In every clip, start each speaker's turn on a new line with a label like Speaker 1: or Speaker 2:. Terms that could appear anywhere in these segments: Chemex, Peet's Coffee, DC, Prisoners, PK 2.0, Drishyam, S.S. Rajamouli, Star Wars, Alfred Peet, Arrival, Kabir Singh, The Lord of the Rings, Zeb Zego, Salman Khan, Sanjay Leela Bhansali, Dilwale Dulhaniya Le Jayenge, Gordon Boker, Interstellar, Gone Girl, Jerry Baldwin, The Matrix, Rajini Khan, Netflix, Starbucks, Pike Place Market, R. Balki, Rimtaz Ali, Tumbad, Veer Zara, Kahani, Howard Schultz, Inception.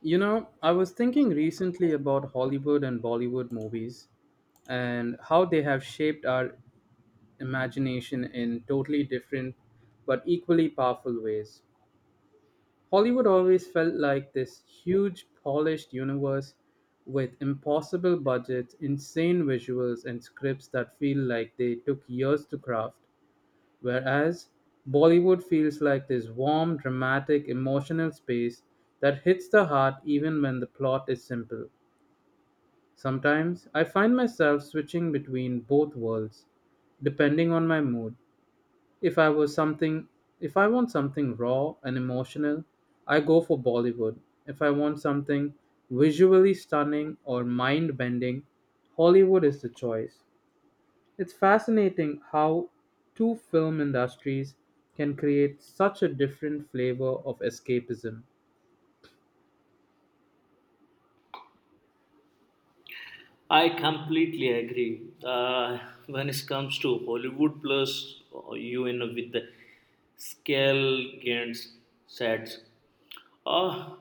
Speaker 1: You know, I was thinking recently about Hollywood and Bollywood movies and how they have shaped our imagination in totally different but equally powerful ways. Hollywood always felt like this huge, polished universe with impossible budgets, insane visuals, and scripts that feel like they took years to craft. Whereas Bollywood feels like this warm, dramatic, emotional space that hits the heart even when the plot is simple. Sometimes I find myself switching between both worlds, depending on my mood. If I was something if I want something raw and emotional, I go for Bollywood. If I want something visually stunning or mind bending, Hollywood is the choice. It's fascinating how two film industries can create such a different flavor of escapism.
Speaker 2: I completely agree. When it comes to Hollywood plus with the scale gains sets. Uh,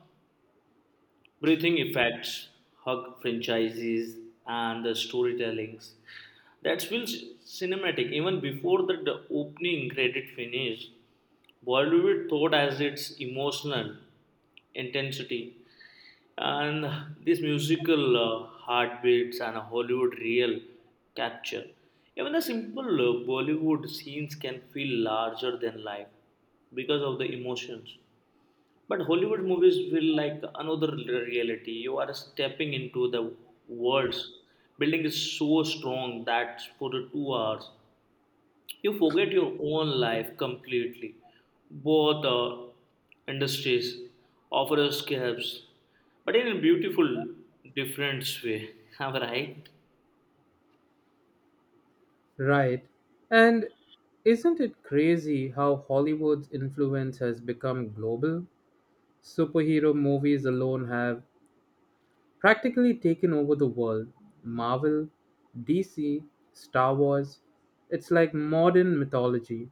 Speaker 2: breathing effects, hug franchises, and the storytellings that feels cinematic even before the opening credit finish. Bollywood thought as its emotional intensity and this musical heartbeats and a Hollywood real capture. Even the simple Bollywood scenes can feel larger than life because of the emotions. But Hollywood movies feel like another reality. You are stepping into the world's building is so strong that for the 2 hours you forget your own life completely. Both industries offer escapes, but in a beautiful, different way. Am I right?
Speaker 1: Right. And isn't it crazy how Hollywood's influence has become global? Superhero movies alone have practically taken over the world. Marvel, DC, Star Wars. It's like modern mythology.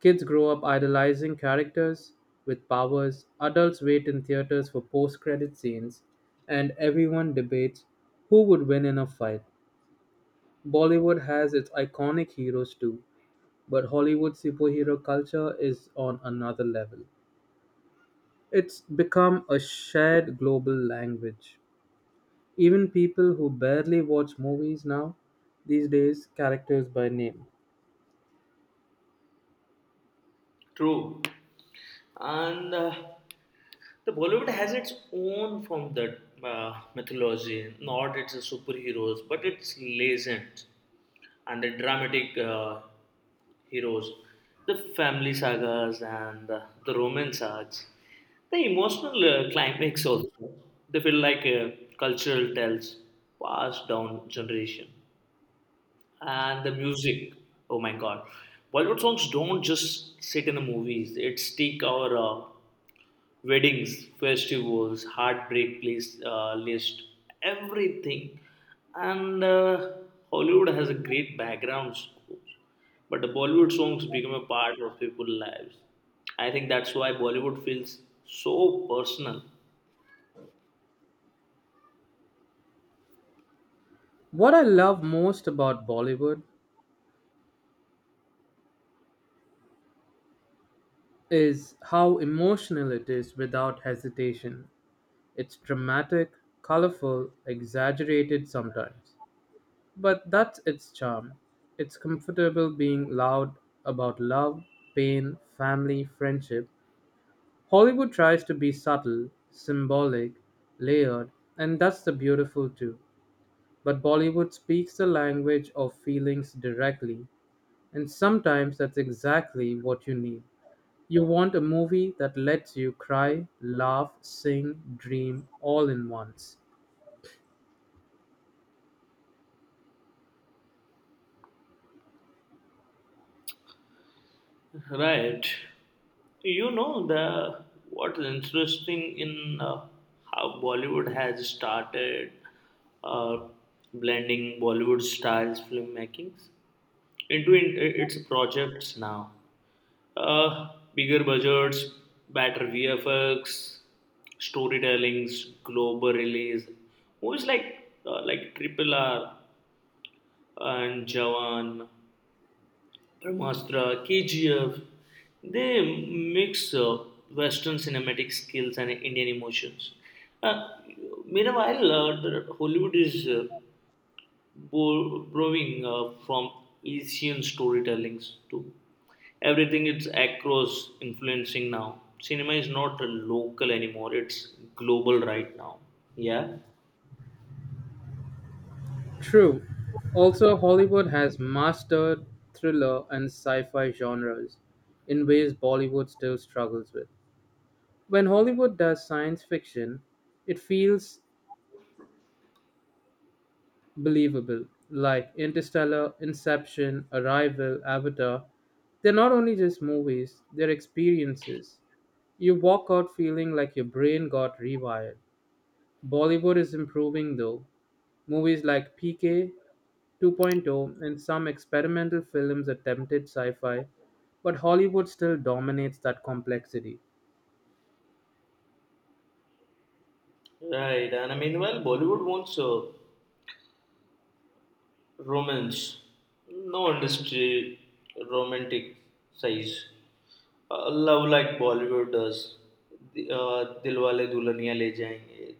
Speaker 1: Kids grow up idolizing characters with powers, adults wait in theaters for post credit scenes, and everyone debates who would win in a fight. Bollywood has its iconic heroes too, but Hollywood superhero culture is on another level. It's become a shared global language. Even people who barely watch movies now these days characters by name.
Speaker 2: True. And the Bollywood has its own from that mythology, not its superheroes, but its legends and the dramatic heroes, the family sagas and the romance sagas, the emotional climax also. They feel like cultural tales passed down generation. And the music, oh my god, Bollywood songs don't just sit in the movies; it stick our weddings, festivals, heartbreak place, list, everything. And Hollywood has a great background score, but the Bollywood songs become a part of people's lives. I think that's why Bollywood feels so personal.
Speaker 1: What I love most about Bollywood is how emotional it is without hesitation. It's dramatic, colorful, exaggerated sometimes. But that's its charm. It's comfortable being loud about love, pain, family, friendship. Hollywood tries to be subtle, symbolic, layered, and that's the beautiful too. But Bollywood speaks the language of feelings directly, and sometimes that's exactly what you need. You want a movie that lets you cry, laugh, sing, dream all in once.
Speaker 2: Right. The what's interesting in how Bollywood has started uh, blending Bollywood styles filmmakings. Into in, its projects now. Uh, bigger budgets, better VFX, storytellings, global release. Movies like Triple R and Jawan, Brahmastra, KGF. They mix Western cinematic skills and Indian emotions. Uh, meanwhile, the Hollywood is borrowing from Asian storytellings too. Everything is across influencing now. Cinema is not a local anymore; it's global right now. Yeah,
Speaker 1: True. Also, Hollywood has mastered thriller and sci-fi genres in ways Bollywood still struggles with. When Hollywood does science fiction, it feels believable, like Interstellar, Inception, Arrival, Avatar. They're not only just movies, they're experiences. You walk out feeling like your brain got rewired. Bollywood is improving though. Movies like PK 2.0 and some experimental films attempted sci fi, but Hollywood still dominates that complexity.
Speaker 2: right. And I mean, well, Bollywood wants romance. No industry romanticize. Love like Bollywood does. The, Dilwale Dulhaniya Le Jayenge.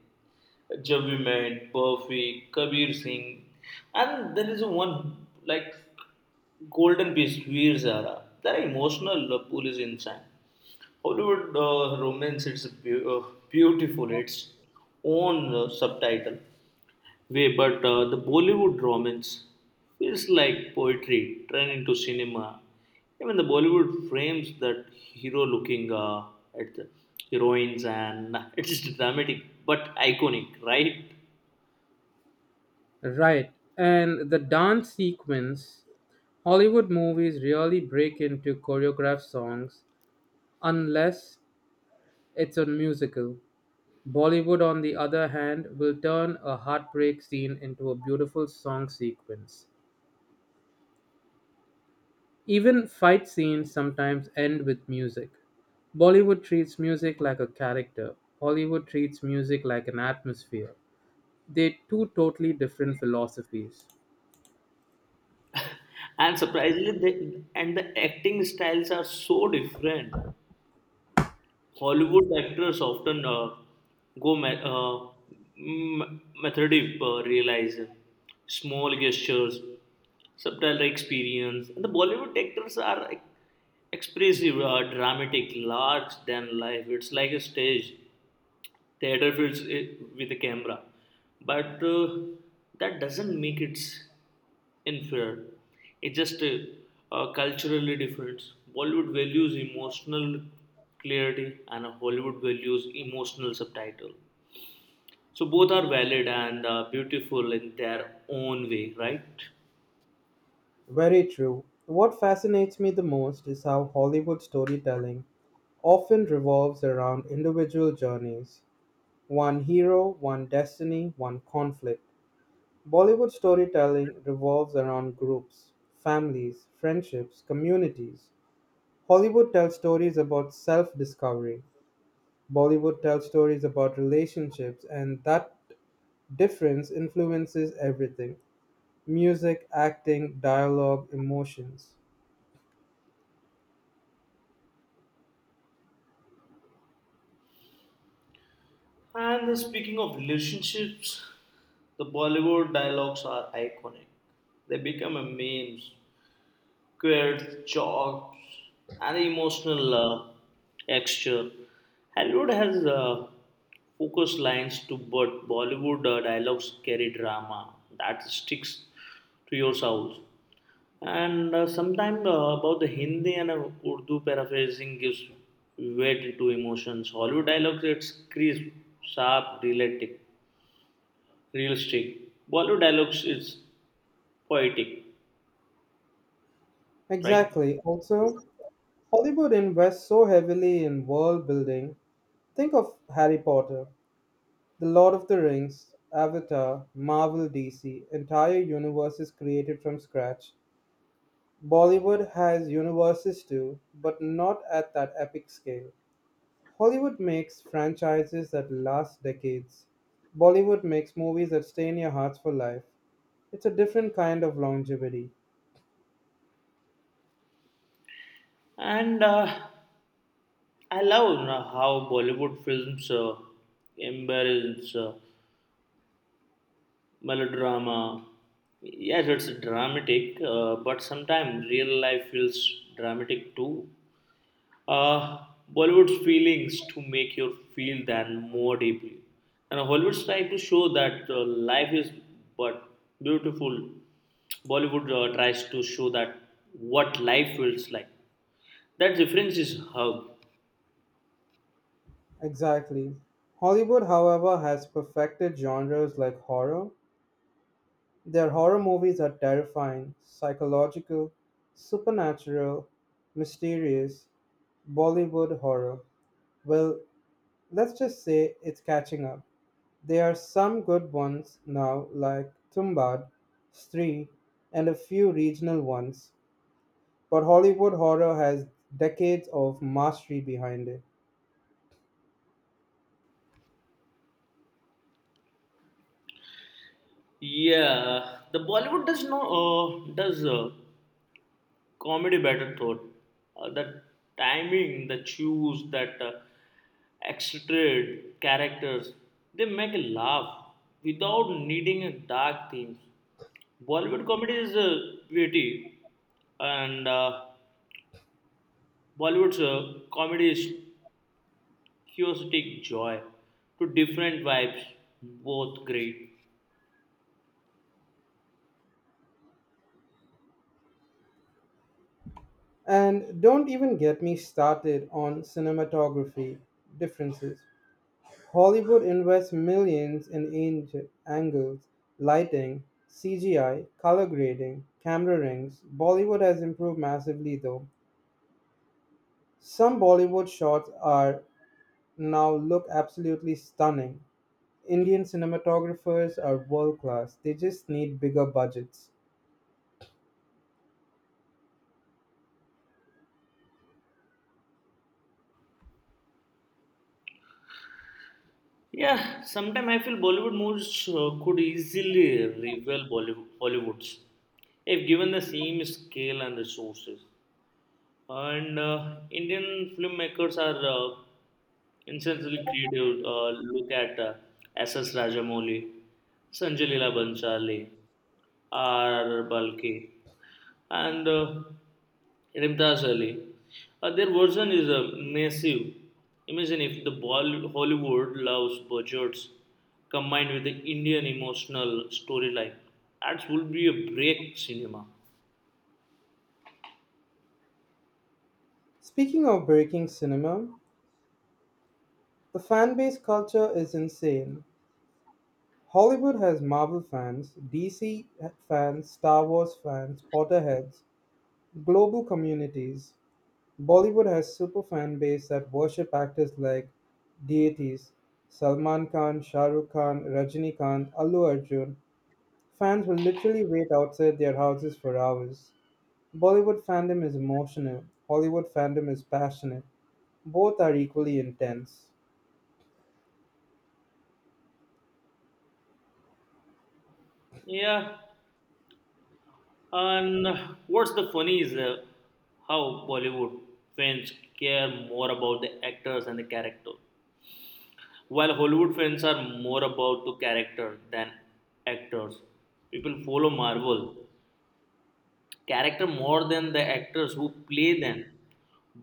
Speaker 2: Jab We Met, Buffy, Kabir Singh. And there is one like golden piece, Veer Zara. That emotional love pool is insane. Hollywood romance, it's beautiful. Its own subtitle way, but the Bollywood romance feels like poetry turned into cinema. Even the Bollywood frames that hero looking at the heroines, and it's dramatic but iconic, right?
Speaker 1: Right, and the dance sequence Hollywood movies rarely break into choreographed songs unless it's a musical. Bollywood, on the other hand, will turn a heartbreak scene into a beautiful song sequence. Even fight scenes sometimes end with music. Bollywood treats music like a character, Hollywood treats music like an atmosphere. They're two totally different philosophies.
Speaker 2: And surprisingly, the acting styles are so different. Hollywood actors often go me- uh, method realize small gestures, subtle experience, and the Bollywood actors are expressive, dramatic, large than life. It's like a stage theater fills it with the camera but that doesn't make it inferior. It's just culturally different. Bollywood values emotional clarity and Hollywood values emotional subtitle, so both are valid and beautiful in their own way, right?
Speaker 1: Very true. What fascinates me the most is how Hollywood storytelling often revolves around individual journeys one hero, one destiny, one conflict. Bollywood storytelling revolves around groups, families, friendships, communities. Hollywood tells stories about self discovery, Bollywood tells stories about relationships, and that difference influences everything music, acting, dialogue, emotions.
Speaker 2: And speaking of relationships, the Bollywood dialogues are iconic. They become a memes, queer jokes, and the emotional texture. Hollywood has focused lines to, but Bollywood dialogues carry drama that sticks to your soul. And sometimes about the Hindi and Urdu paraphrasing gives weight to emotions. Hollywood dialogues it's crisp, sharp, realistic, realistic. Bollywood dialogues is poetic, right?
Speaker 1: Exactly. Also, Hollywood invests so heavily in world building. Think of Harry Potter, The Lord of the Rings, Avatar, Marvel DC. Entire universes created from scratch. Bollywood has universes too, but not at that epic scale. Hollywood makes franchises that last decades. Bollywood makes movies that stay in your hearts for life. It's a different kind of longevity.
Speaker 2: And I love how Bollywood films embrace melodrama. Yes, it's dramatic, but sometimes real life feels dramatic too. Uh, Bollywood's feelings to make you feel that more deeply. And Hollywood's try to show that life is but beautiful. Bollywood tries to show that what life feels like. That difference is hug.
Speaker 1: Exactly. Hollywood, however, has perfected genres like horror. Their horror movies are terrifying, psychological, supernatural, mysterious. Bollywood horror. Well, let's just say it's catching up. There are some good ones now, like Tumbad, Stree, and a few regional ones, but Hollywood horror has decades of mastery behind it.
Speaker 2: Yeah, the Bollywood does no does comedy better thought. The timing, the choose, that excited characters, they make a laugh without needing a dark theme. Bollywood comedy is witty, and Bollywood's comedy is chaotic joy. Two different vibes, both great.
Speaker 1: And don't even get me started on cinematography differences. Hollywood invests millions in angles, lighting, CGI, color grading, camera rings. Bollywood has improved massively though. Some Bollywood shots are now look absolutely stunning, Indian cinematographers are world class, they just need bigger budgets.
Speaker 2: Yeah, sometimes I feel Bollywood movies could easily rival Hollywood's if given the same scale and resources. And Indian filmmakers are instantly creative. Look at S.S. Rajamouli, Sanjay Leela Bhansali, R. Balki and Rimtaz Ali. Their version is massive. Imagine if the Hollywood loves budgets combined with the Indian emotional storyline. That would be a break cinema.
Speaker 1: Speaking of breaking cinema, the fan base culture is insane. Hollywood has Marvel fans, DC fans, Star Wars fans, Potterheads, global communities. Bollywood has super fan base that worship actors like deities Salman Khan, Shah Rukh Khan, Rajini Khan, Allu Arjun. Fans will literally wait outside their houses for hours. Bollywood fandom is emotional, Hollywood fandom is passionate. Both are equally intense.
Speaker 2: Yeah, and what's the funny is how Bollywood fans care more about the actors and the character, while Hollywood fans are more about the character than actors. People follow Marvel, character more than the actors who play them.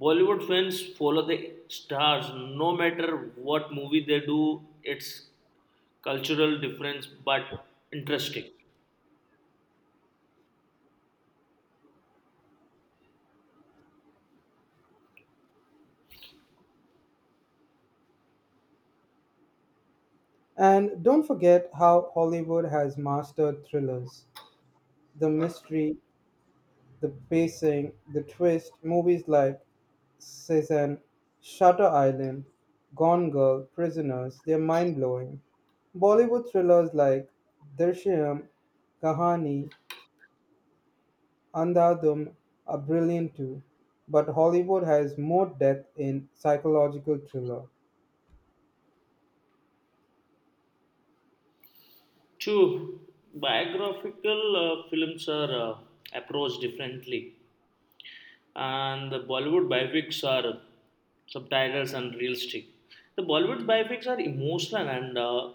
Speaker 2: Bollywood fans follow the stars no matter what movie they do, it's cultural difference but interesting.
Speaker 1: And don't forget how Hollywood has mastered thrillers the mystery, the pacing, the twist. Movies like Cezanne, Shutter Island, Gone Girl, Prisoners, they're mind blowing. Bollywood thrillers like Drishyam, Kahani, and the them, are brilliant too, but Hollywood has more depth in psychological thriller.
Speaker 2: Two, biographical films are approached differently, and the Bollywood biopics are subtitles and realistic. The Bollywood biopics are emotional and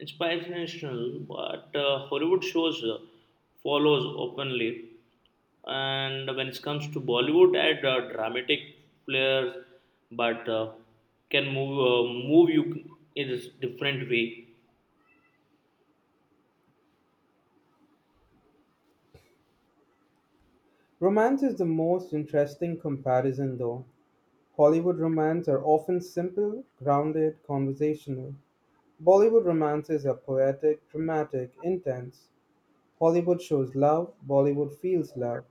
Speaker 2: inspirational, but Hollywood shows follows openly. And when it comes to Bollywood, add dramatic players, but can move you in a different way.
Speaker 1: Romance is the most interesting comparison though. Hollywood romance are often simple, grounded, conversational. Bollywood romances are poetic, dramatic, intense. Hollywood shows love, Bollywood feels love.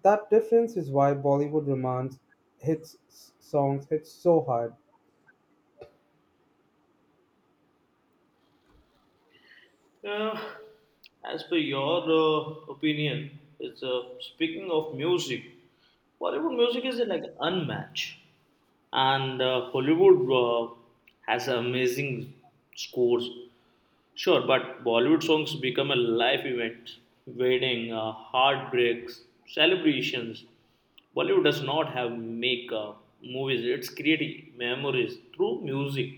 Speaker 1: That difference is why Bollywood romance hits songs hit so hard.
Speaker 2: Uh, as per your opinion, speaking of music, Bollywood music is like unmatched, and Hollywood has amazing scores. Sure, but Bollywood songs become a life event, wedding, heartbreaks, celebrations. Bollywood does not have make movies; it's creating memories through music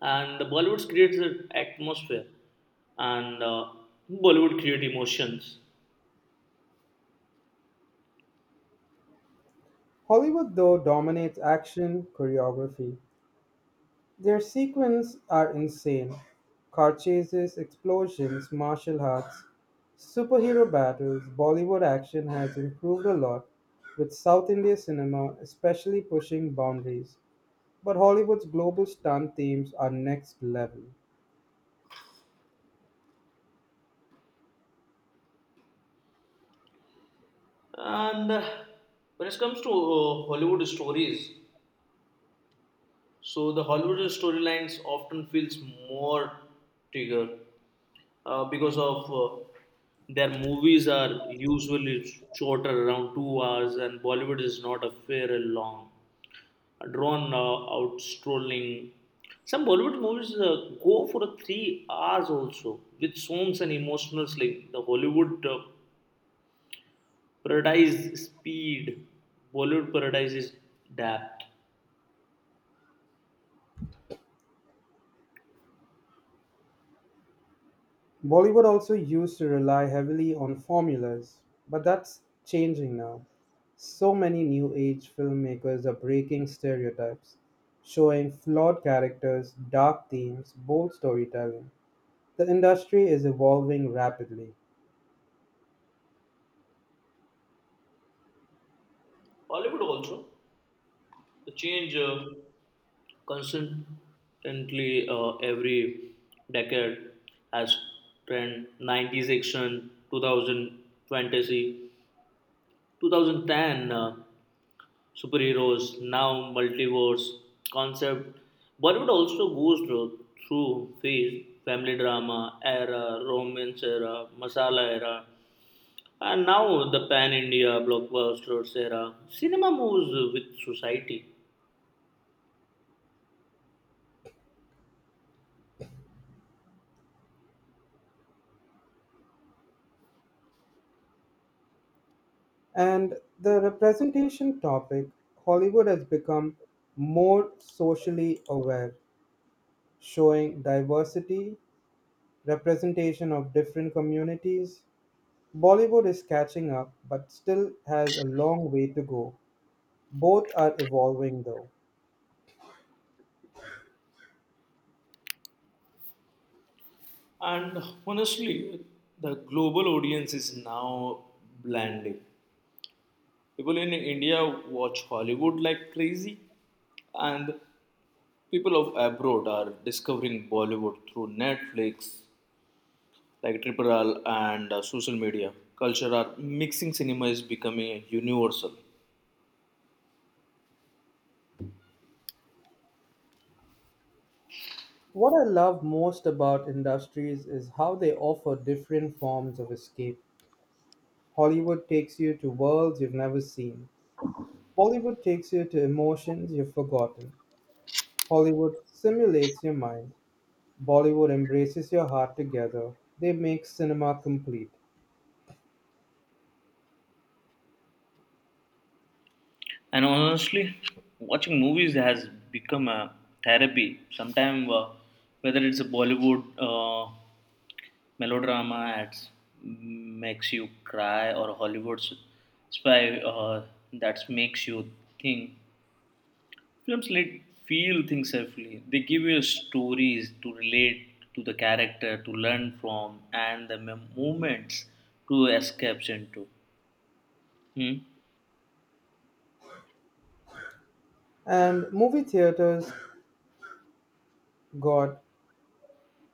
Speaker 2: and the Bollywood creates an atmosphere, and Bollywood create emotions.
Speaker 1: Hollywood though dominates action, choreography, their sequences are insane. Car chases, explosions, martial arts, superhero battles, Bollywood action has improved a lot, with South India cinema especially pushing boundaries. But Hollywood's global stunt themes are next level.
Speaker 2: And when it comes to Hollywood stories, so the Hollywood storylines often feels more trigger because of their movies are usually shorter, around 2 hours, and Bollywood is not a fair long. Drawn out strolling. Some Bollywood movies go for a 3 hours also, with songs and emotional sling. The Hollywood paradise speed, Bollywood paradise is depth.
Speaker 1: Bollywood also used to rely heavily on formulas, but that's changing now. So many new age filmmakers are breaking stereotypes, showing flawed characters, dark themes, bold storytelling. The industry is evolving rapidly.
Speaker 2: Hollywood also the change constantly every decade has trend 90s action 2020 2010 superheroes, now multiverse concept. Bollywood also goes through phase, family drama era, romance era, masala era, and now the pan India blockbusters era. Cinema moves with society.
Speaker 1: And the representation topic, Hollywood has become more socially aware, showing diversity, representation of different communities, Bollywood is catching up, but still has a long way to go. Both are evolving though.
Speaker 2: And honestly, the global audience is now blending. People in India watch Hollywood like crazy, and people of abroad are discovering Bollywood through Netflix, like Triparal and social media culture are mixing cinema is becoming a universal.
Speaker 1: What I love most about industries is how they offer different forms of escape. Hollywood takes you to worlds you've never seen. Bollywood takes you to emotions you've forgotten. Hollywood simulates your mind. Bollywood embraces your heart together. They make cinema complete.
Speaker 2: And honestly, watching movies has become a therapy. Sometimes, whether it's a Bollywood melodrama that makes you cry or Hollywood spy that makes you think, films let feel things safely. They give you stories to relate to the character, to learn from, and the moments to escape into. Hmm.
Speaker 1: And movie theaters got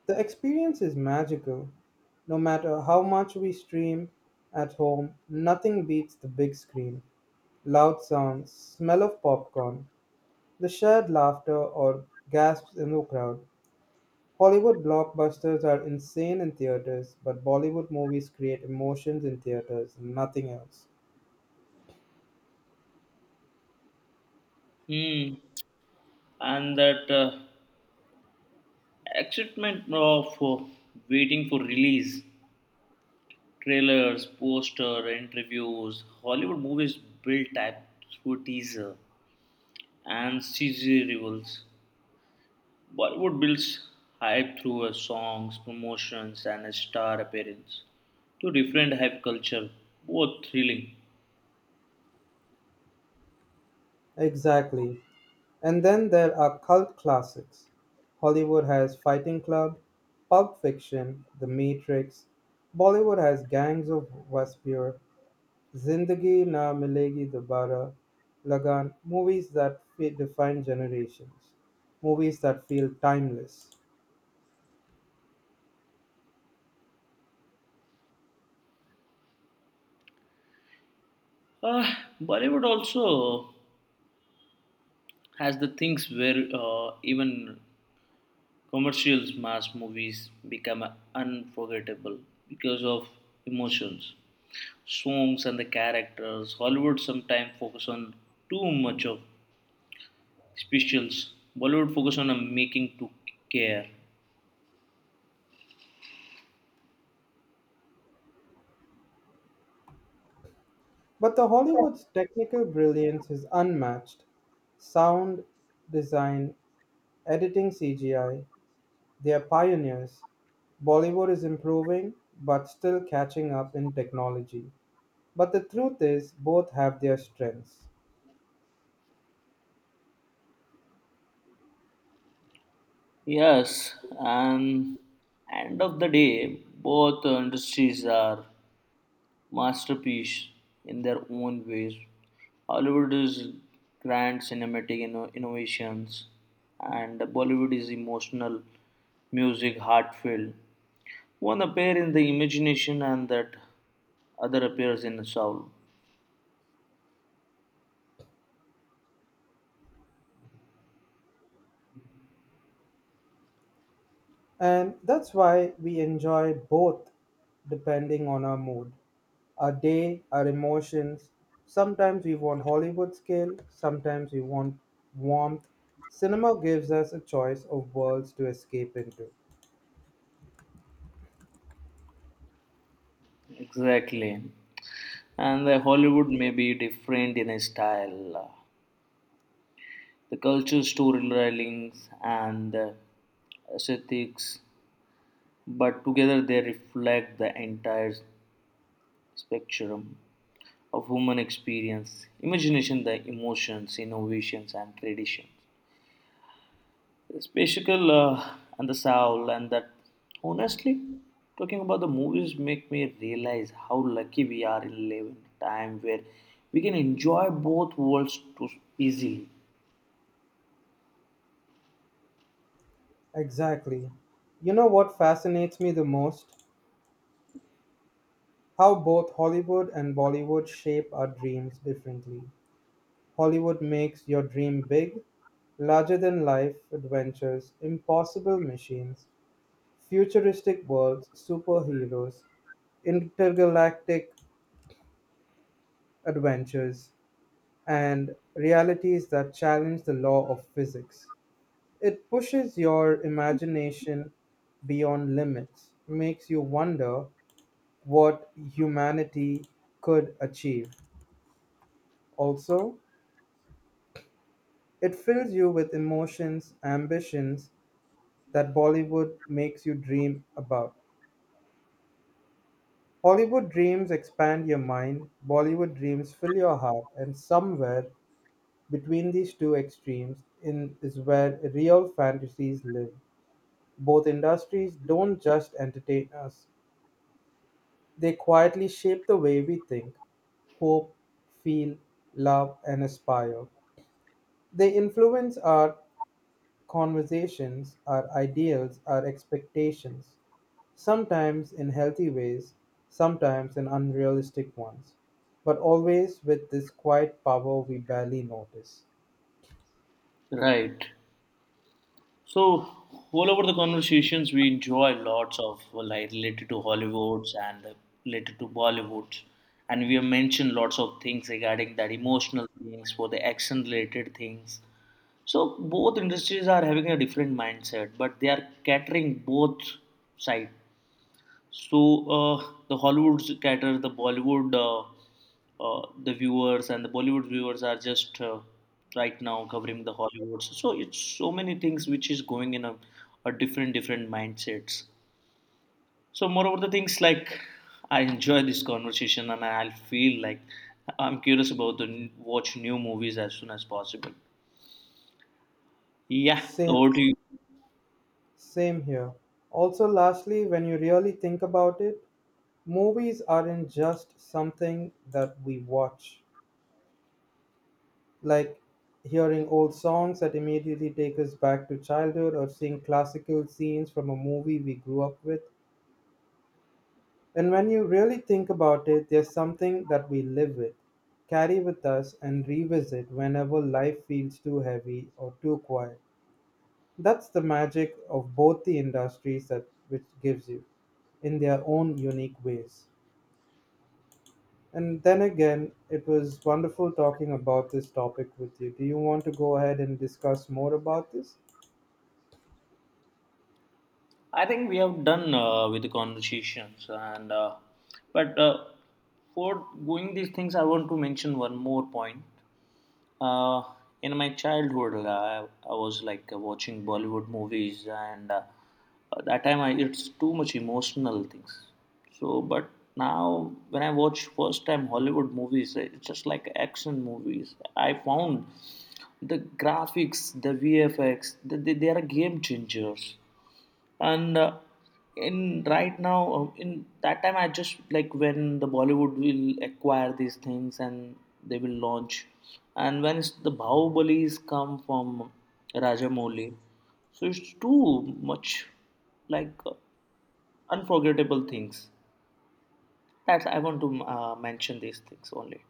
Speaker 1: the experience is magical. No matter how much we stream at home, nothing beats the big screen. Loud sounds, smell of popcorn, the shared laughter or gasps in the crowd. Hollywood blockbusters are insane in theaters, but Bollywood movies create emotions in theaters, nothing else.
Speaker 2: Hmm. And that excitement of waiting for release, trailers, poster, interviews, Hollywood movies build type through teaser and CG reveals. Bollywood builds hype through songs, promotions, and a star appearance. Two different hype culture, both thrilling.
Speaker 1: Exactly. And then there are cult classics. Hollywood has Fighting Club, Pulp Fiction, The Matrix. Bollywood has Gangs of Waspur, Zindagi Na Milegi Dobara, Lagan. Movies that define generations, movies that feel timeless.
Speaker 2: Ah, Bollywood also has the things where even commercials, mass movies become unforgettable because of emotions, songs, and the characters. Hollywood sometimes focus on too much of specials. Bollywood focus on making to care.
Speaker 1: But the Hollywood's technical brilliance is unmatched. Sound, design, editing CGI, they are pioneers. Bollywood is improving but still catching up in technology. But the truth is, both have their strengths.
Speaker 2: Yes, and end of the day, both industries are masterpiece in their own ways. Hollywood is grand cinematic innovations, and Bollywood is emotional music, heartfelt. One appears in the imagination, and that other appears in the soul.
Speaker 1: And that's why we enjoy both depending on our mood, our day, our emotions. Sometimes we want Hollywood scale, sometimes we want warmth. Cinema gives us a choice of worlds to escape into.
Speaker 2: Exactly, and the Hollywood may be different in style. The culture storylines and the aesthetics, but together they reflect the entire spectrum of human experience, imagination, the emotions, innovations and traditions, the spectacle and the soul. And that honestly, talking about the movies make me realize how lucky we are in living a time where we can enjoy both worlds too easily,
Speaker 1: Exactly. You know what fascinates me the most? How both Hollywood and Bollywood shape our dreams differently. Hollywood makes your dream big, larger than life adventures, impossible machines, futuristic worlds, superheroes, intergalactic adventures, and realities that challenge the law of physics. It pushes your imagination beyond limits, makes you wonder what humanity could achieve. Also, it fills you with emotions, ambitions that Bollywood makes you dream about. Hollywood dreams expand your mind, Bollywood dreams fill your heart, and somewhere between these two extremes is where real fantasies live. Both industries don't just entertain us, they quietly shape the way we think, hope, feel, love, and aspire. They influence our conversations, our ideals, our expectations, sometimes in healthy ways, sometimes in unrealistic ones, but always with this quiet power we barely notice.
Speaker 2: right? So, all over the conversations, we enjoy lots of well, like related to Hollywoods and related to Bollywoods, and we have mentioned lots of things regarding that emotional things for the action related things. So, both industries are having a different mindset, but they are catering both side. So the Hollywood cater the Bollywood, the viewers and the Bollywood viewers are just right now covering the Hollywoods. So it's so many things which is going in a different different mindsets. So moreover, the things like I enjoy this conversation and I'll feel like I'm curious about the watch new movies as soon as possible. Yeah,
Speaker 1: Same,
Speaker 2: over to you.
Speaker 1: same here. Also, lastly, when you really think about it, movies aren't just something that we watch. Like hearing old songs that immediately take us back to childhood, or seeing classical scenes from a movie we grew up with. And when you really think about it, there's something that we live with, carry with us, and revisit whenever life feels too heavy or too quiet. That's the magic of both the industries that which gives you in their own unique ways. And then again, it was wonderful talking about this topic with you. Do you want to go ahead and discuss more about this?
Speaker 2: I think we have done with the conversations, and but for going these things, I want to mention one more point. Uh, in my childhood, I was like watching Bollywood movies, and at that time I, it's too much emotional things. So, but now when I watch first time Hollywood movies, it's just like action movies. I found the graphics, the VFX, they are game changers and in right now in that time I just like when the Bollywood will acquire these things and they will launch and when the Bahubalis come from Rajamouli, so it's too much like unforgettable things. That's I want to mention these things only.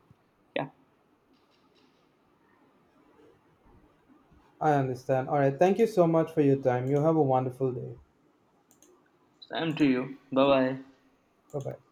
Speaker 2: Yeah.
Speaker 1: I understand. All right. Thank you so much for your time. You have a wonderful day.
Speaker 2: Same to you. Bye bye.
Speaker 1: Bye bye.